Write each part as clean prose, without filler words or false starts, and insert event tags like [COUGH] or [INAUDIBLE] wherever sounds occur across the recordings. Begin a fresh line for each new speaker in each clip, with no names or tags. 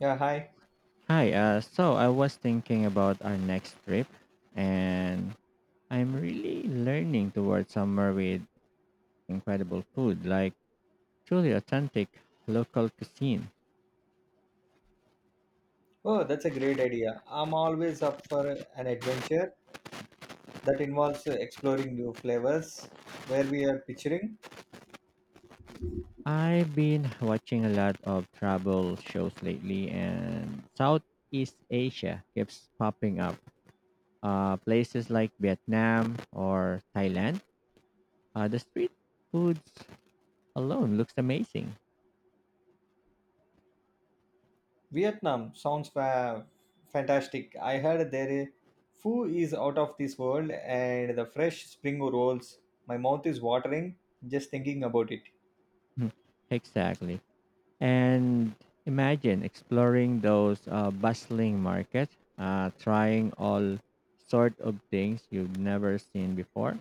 Yeah, hi.
Hi, so I was thinking about our next trip, and I'm really learning towards somewhere with incredible food, like truly authentic local cuisine.
Oh, that's a great idea. I'm always up for an adventure that involves exploring new flavors. Where we are picturing
I've been watching a lot of travel shows lately, and Southeast Asia keeps popping up. Places like Vietnam or Thailand, the street foods alone looks amazing.
Vietnam sounds fantastic. I heard their food is out of this world, and the fresh spring rolls. My mouth is watering just thinking about it.
[LAUGHS] Exactly. And imagine exploring those bustling market, trying all sort of things you've never seen before.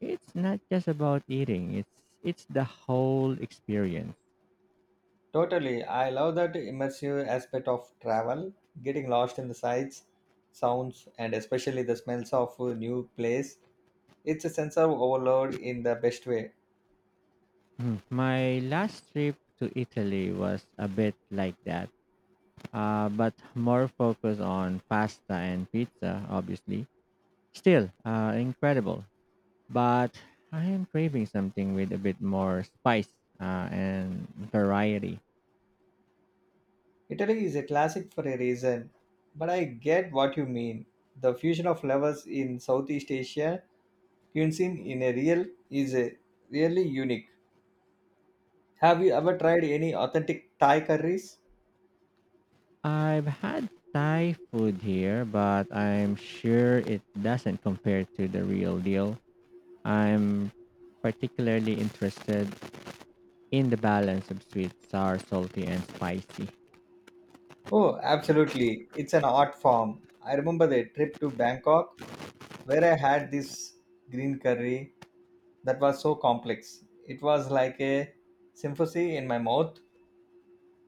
It's not just about eating; it's the whole experience.
Totally, I love that immersive aspect of travel, getting lost in the sights, sounds, and especially the smells of a new place. It's a sense of overload in the best way.
Mm. My last trip to Italy was a bit like that, but more focused on pasta and pizza, obviously. Still, incredible. But I am craving something with a bit more spice and variety.
Italy is a classic for a reason, but I get what you mean. The fusion of flavors in Southeast Asia cuisine in a real is a really unique. Have you ever tried any authentic Thai curries?
I've had Thai food here, but I'm sure it doesn't compare to the real deal. I'm particularly interested in the balance of sweet, sour, salty, and spicy.
Oh, absolutely. It's an art form. I remember the trip to Bangkok where I had this green curry that was so complex. It was like a symphony in my mouth.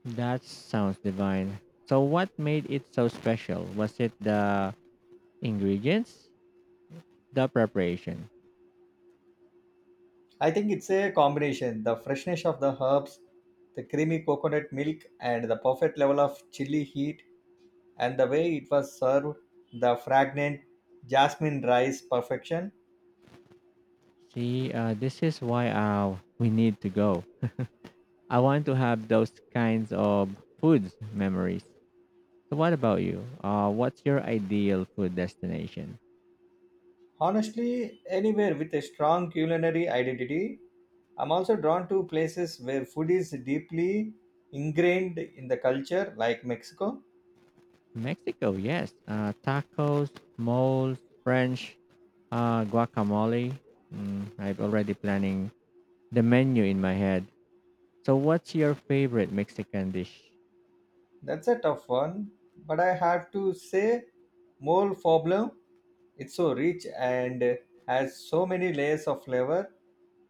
That sounds divine. So, what made it so special? Was it the ingredients, the preparation?
I think it's a combination the freshness of the herbs, the creamy coconut milk, and the perfect level of chili heat, and the way it was served, the fragrant jasmine rice perfection.
See, this is why we need to go. I want to have those kinds of foods memories. So, what about you? What's your ideal food destination?
Honestly, anywhere with a strong culinary identity, I'm also drawn to places where food is deeply ingrained in the culture, like Mexico.
Mexico, yes. Tacos, moles, French, guacamole. Mm, I'm already planning the menu in my head. So, what's your favorite Mexican dish?
That's a tough one, but I have to say, more problem it's so rich and has so many layers of flavor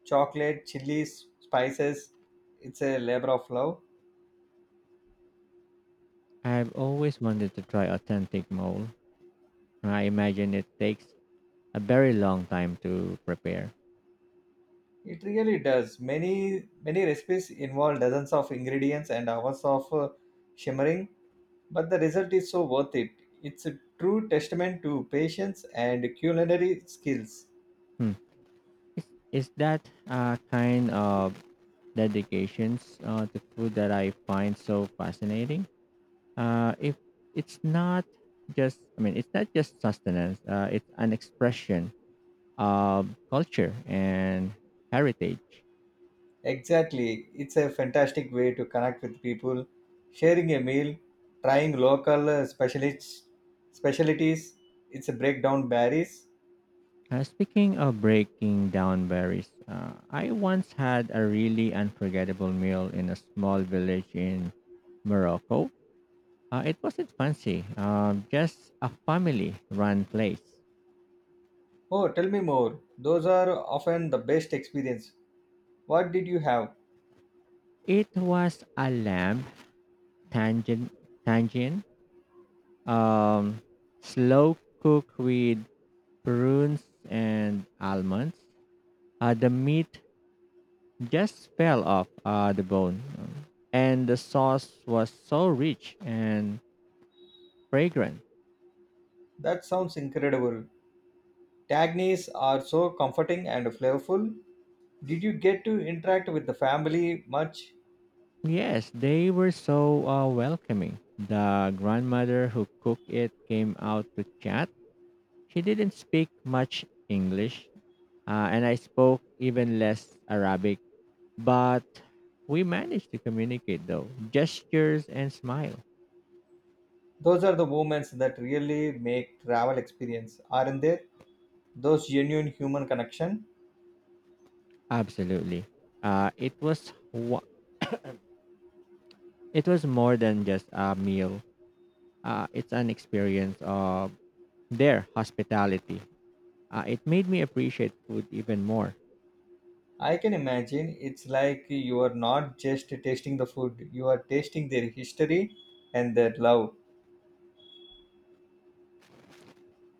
chocolate, chilies, spices. It's a labor of love.
I've always wanted to try authentic mole. I imagine it takes a very long time to prepare.
It really does. Many recipes involve dozens of ingredients and hours of shimmering, but the result is so worth it. It's a true testament to patience and culinary skills.
Hmm. Is, is that kind of dedications to food that I find so fascinating? If it's not just it's not just sustenance, it's an expression of culture and heritage.
Exactly. It's a fantastic way to connect with people, sharing a meal, trying local specialties. It's a breakdown barriers.
Uh, speaking of breaking down berries, I once had a really unforgettable meal in a small village in Morocco. It wasn't fancy, just a family run place.
Oh, tell me more. Those are often the best experience. What did you have?
It was a lamb tangent tangent, um, slow cook with prunes, and almonds. The meat just fell off the bone. And the sauce was so rich and fragrant.
That sounds incredible. Tagnis are so comforting and flavorful. Did you get to interact with the family much?
Yes, they were so welcoming. The grandmother who cooked it came out to chat. She didn't speak much English, and I spoke even less Arabic, but we managed to communicate though. Gestures and smile.
Those are the moments that really make travel experience, aren't there? Those genuine human connection.
Absolutely. Uh, it was wa- It was more than just a meal. It's an experience of their hospitality. It made me appreciate food even more.
I can imagine it's like you are not just tasting the food, you are tasting their history and their love.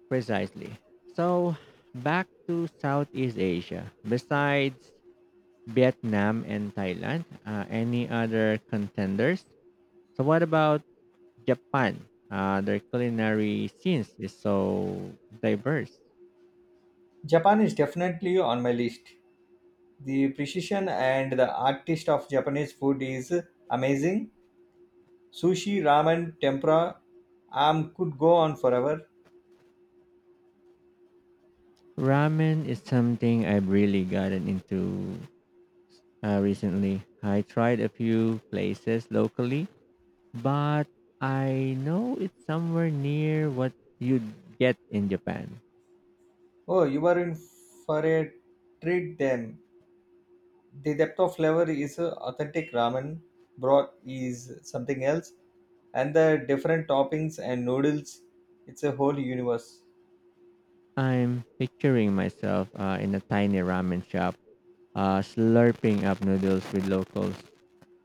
Precisely. So, back to Southeast Asia. Besides Vietnam and Thailand, any other contenders? So, what about Japan? Their culinary scenes is so diverse.
Japan is definitely on my list. The precision and the artist of Japanese food is amazing. Sushi, ramen, tempura, I could go on forever.
Ramen is something I've really gotten into recently. I tried a few places locally, but I know it's somewhere near what you'd get in Japan.
Oh, you are in for a treat then. The depth of flavor is authentic ramen broth is something else, and the different toppings and noodles, it's a whole universe.
I'm picturing myself in a tiny ramen shop, slurping up noodles with locals.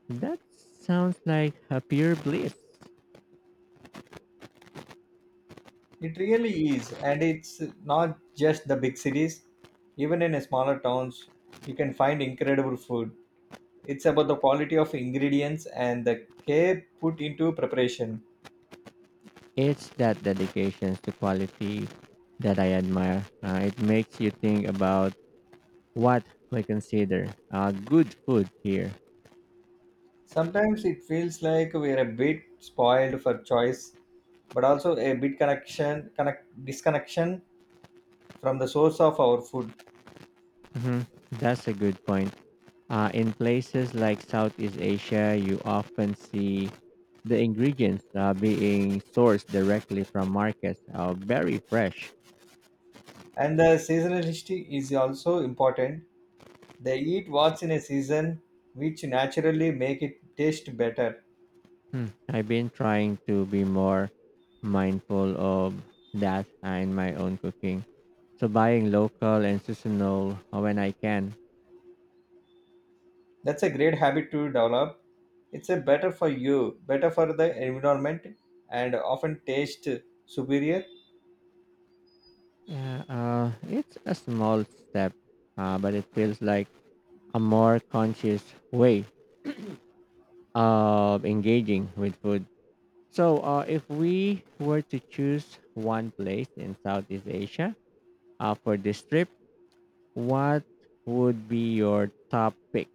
That sounds like a pure bliss.
It really is, and it's not just the big cities, even in smaller towns you can find incredible food. It's about the quality of ingredients and the care put into preparation.
It's that dedication to quality that I admire. It makes you think about what we consider good food here.
Sometimes it feels like we're a bit spoiled for choice, but also a bit connection connect disconnection from the source of our food.
Hmm. That's a good point. In places like Southeast Asia, you often see the ingredients being sourced directly from markets, very fresh.
And the seasonality is also important. They eat what's in a season, which naturally make it taste better.
Hmm. I've been trying to be more mindful of that in my own cooking. So buying local and seasonal when I can.
That's a great habit to develop. It's a better for you, better for the environment, and often taste superior.
Yeah, it's a small step, but it feels like a more conscious way of engaging with food. So, if we were to choose one place in Southeast Asia for this trip, what would be your top pick?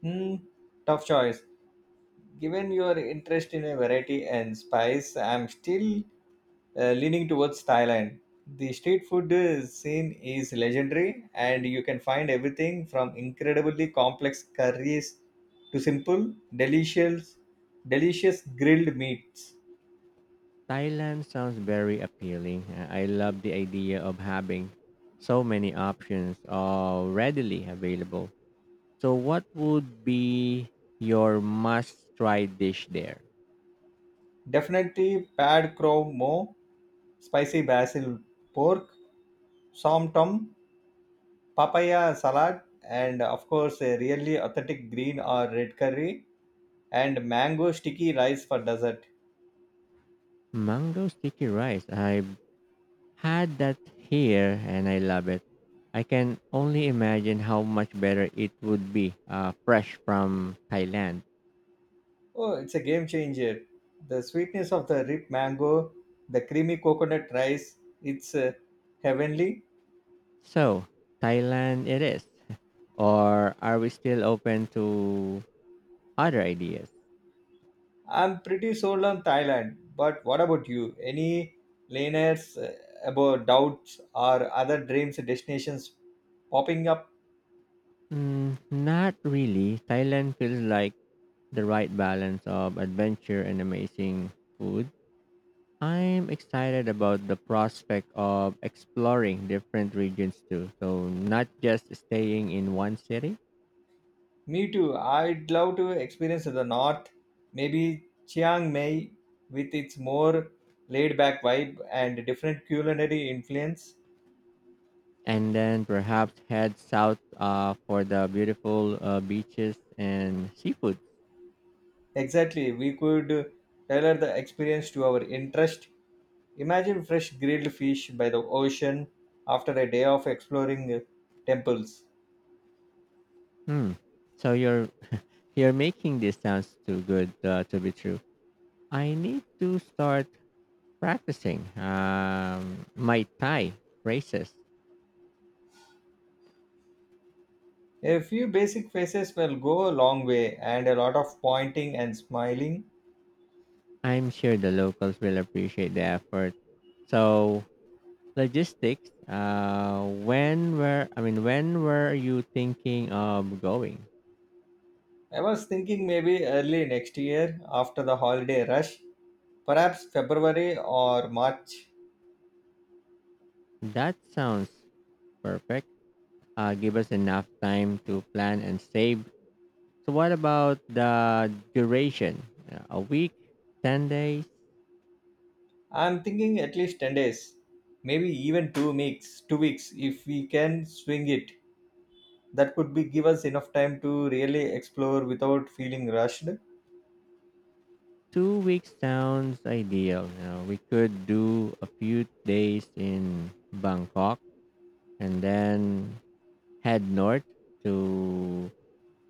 Hmm, tough choice. Given your interest in a variety and spice, I'm still leaning towards Thailand. The street food scene is legendary, and you can find everything from incredibly complex curries to simple, delicious grilled meats.
Thailand sounds very appealing. I love the idea of having so many options readily available. So, what would be your must try dish there?
Definitely pad crow mo, spicy basil pork, som tom, papaya salad, and of course a really authentic green or red curry, and mango sticky rice for dessert.
Mango sticky rice. I've had that here and I love it. I can only imagine how much better it would be fresh from Thailand.
Oh, it's a game changer. The sweetness of the ripe mango, the creamy coconut rice, it's heavenly.
So, Thailand it is. Or are we still open to other ideas?
I'm pretty sold on Thailand, but what about you? Any laners about doubts or other dreams destinations popping up?
Mm, not really. Thailand feels like the right balance of adventure and amazing food. I'm excited about the prospect of exploring different regions too. So, not just staying in one city.
Me too. I'd love to experience the north, maybe Chiang Mai with its more laid back vibe and different culinary influence.
And then perhaps head south for the beautiful beaches and seafood.
Exactly, we could tailor the experience to our interest. Imagine fresh grilled fish by the ocean after a day of exploring temples.
Hmm. So you're making this sounds too good to be true. I need to start practicing my Thai phrases.
A few basic faces will go a long way, and a lot of pointing and smiling.
I'm sure the locals will appreciate the effort. So logistics. When were you thinking of going?
I was thinking maybe early next year after the holiday rush, perhaps February or March.
That sounds perfect. Give us enough time to plan and save. So, what about the duration? A week, 10 days,
I'm thinking at least 10 days, maybe even 2 weeks if we can swing it. That could be give us enough time to really explore without feeling rushed.
2 weeks sounds ideal. You know, we could do a few days in Bangkok and then head north to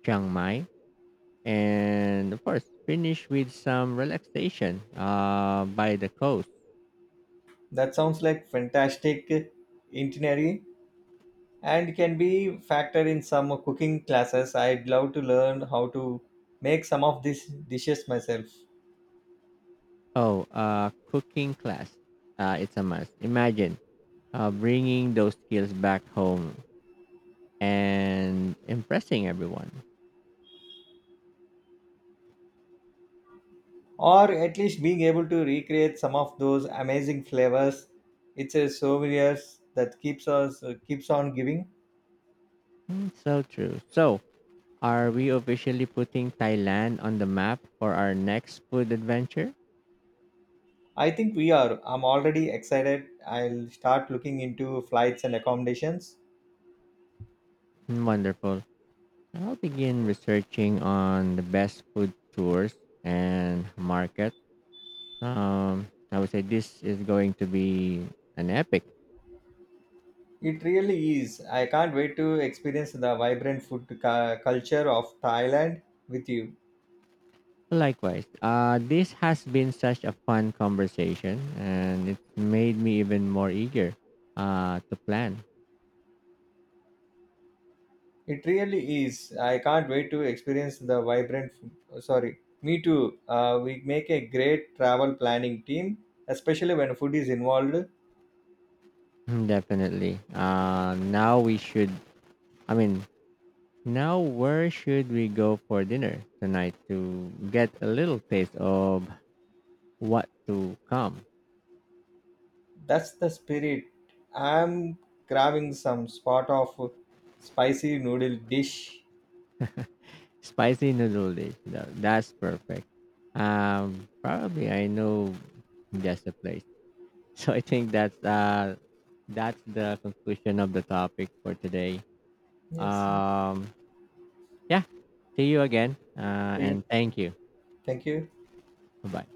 Chiang Mai. And of course, finish with some relaxation by the coast.
That sounds like fantastic itinerary, and can be factored in some cooking classes. I'd love to learn how to make some of these dishes myself,
Oh, cooking class. It's a must. Imagine bringing those skills back home and impressing everyone.
or at least being able to recreate some of those amazing flavors. It's a souvenirs that keeps on giving.
Mm, so true. So, are we officially putting Thailand on the map for our next food adventure?
I think we are, I'm already excited. I'll start looking into flights and accommodations.
Mm, wonderful. I'll begin researching on the best food tours and market. I would say this is going to be an epic.
It really is. I can't wait to experience the vibrant culture of Thailand with you.
Likewise, this has been such a fun conversation, and it made me even more eager to plan.
It really is. I can't wait to experience the vibrant food. Oh, Sorry, Me too. We make a great travel planning team, especially when food is involved.
[LAUGHS] Mm, definitely. Now we should. I mean, now where should we go for dinner tonight to get a little taste of what to come?
That's the spirit. I'm grabbing some spot of spicy noodle dish.
Spicy noodle dish. That's perfect. Probably I know just a place. [LAUGHS] So I think that's the conclusion of the topic for today.
Yes.
Um, yeah. See you again.
See you.
And thank you.
Thank you.
Bye bye.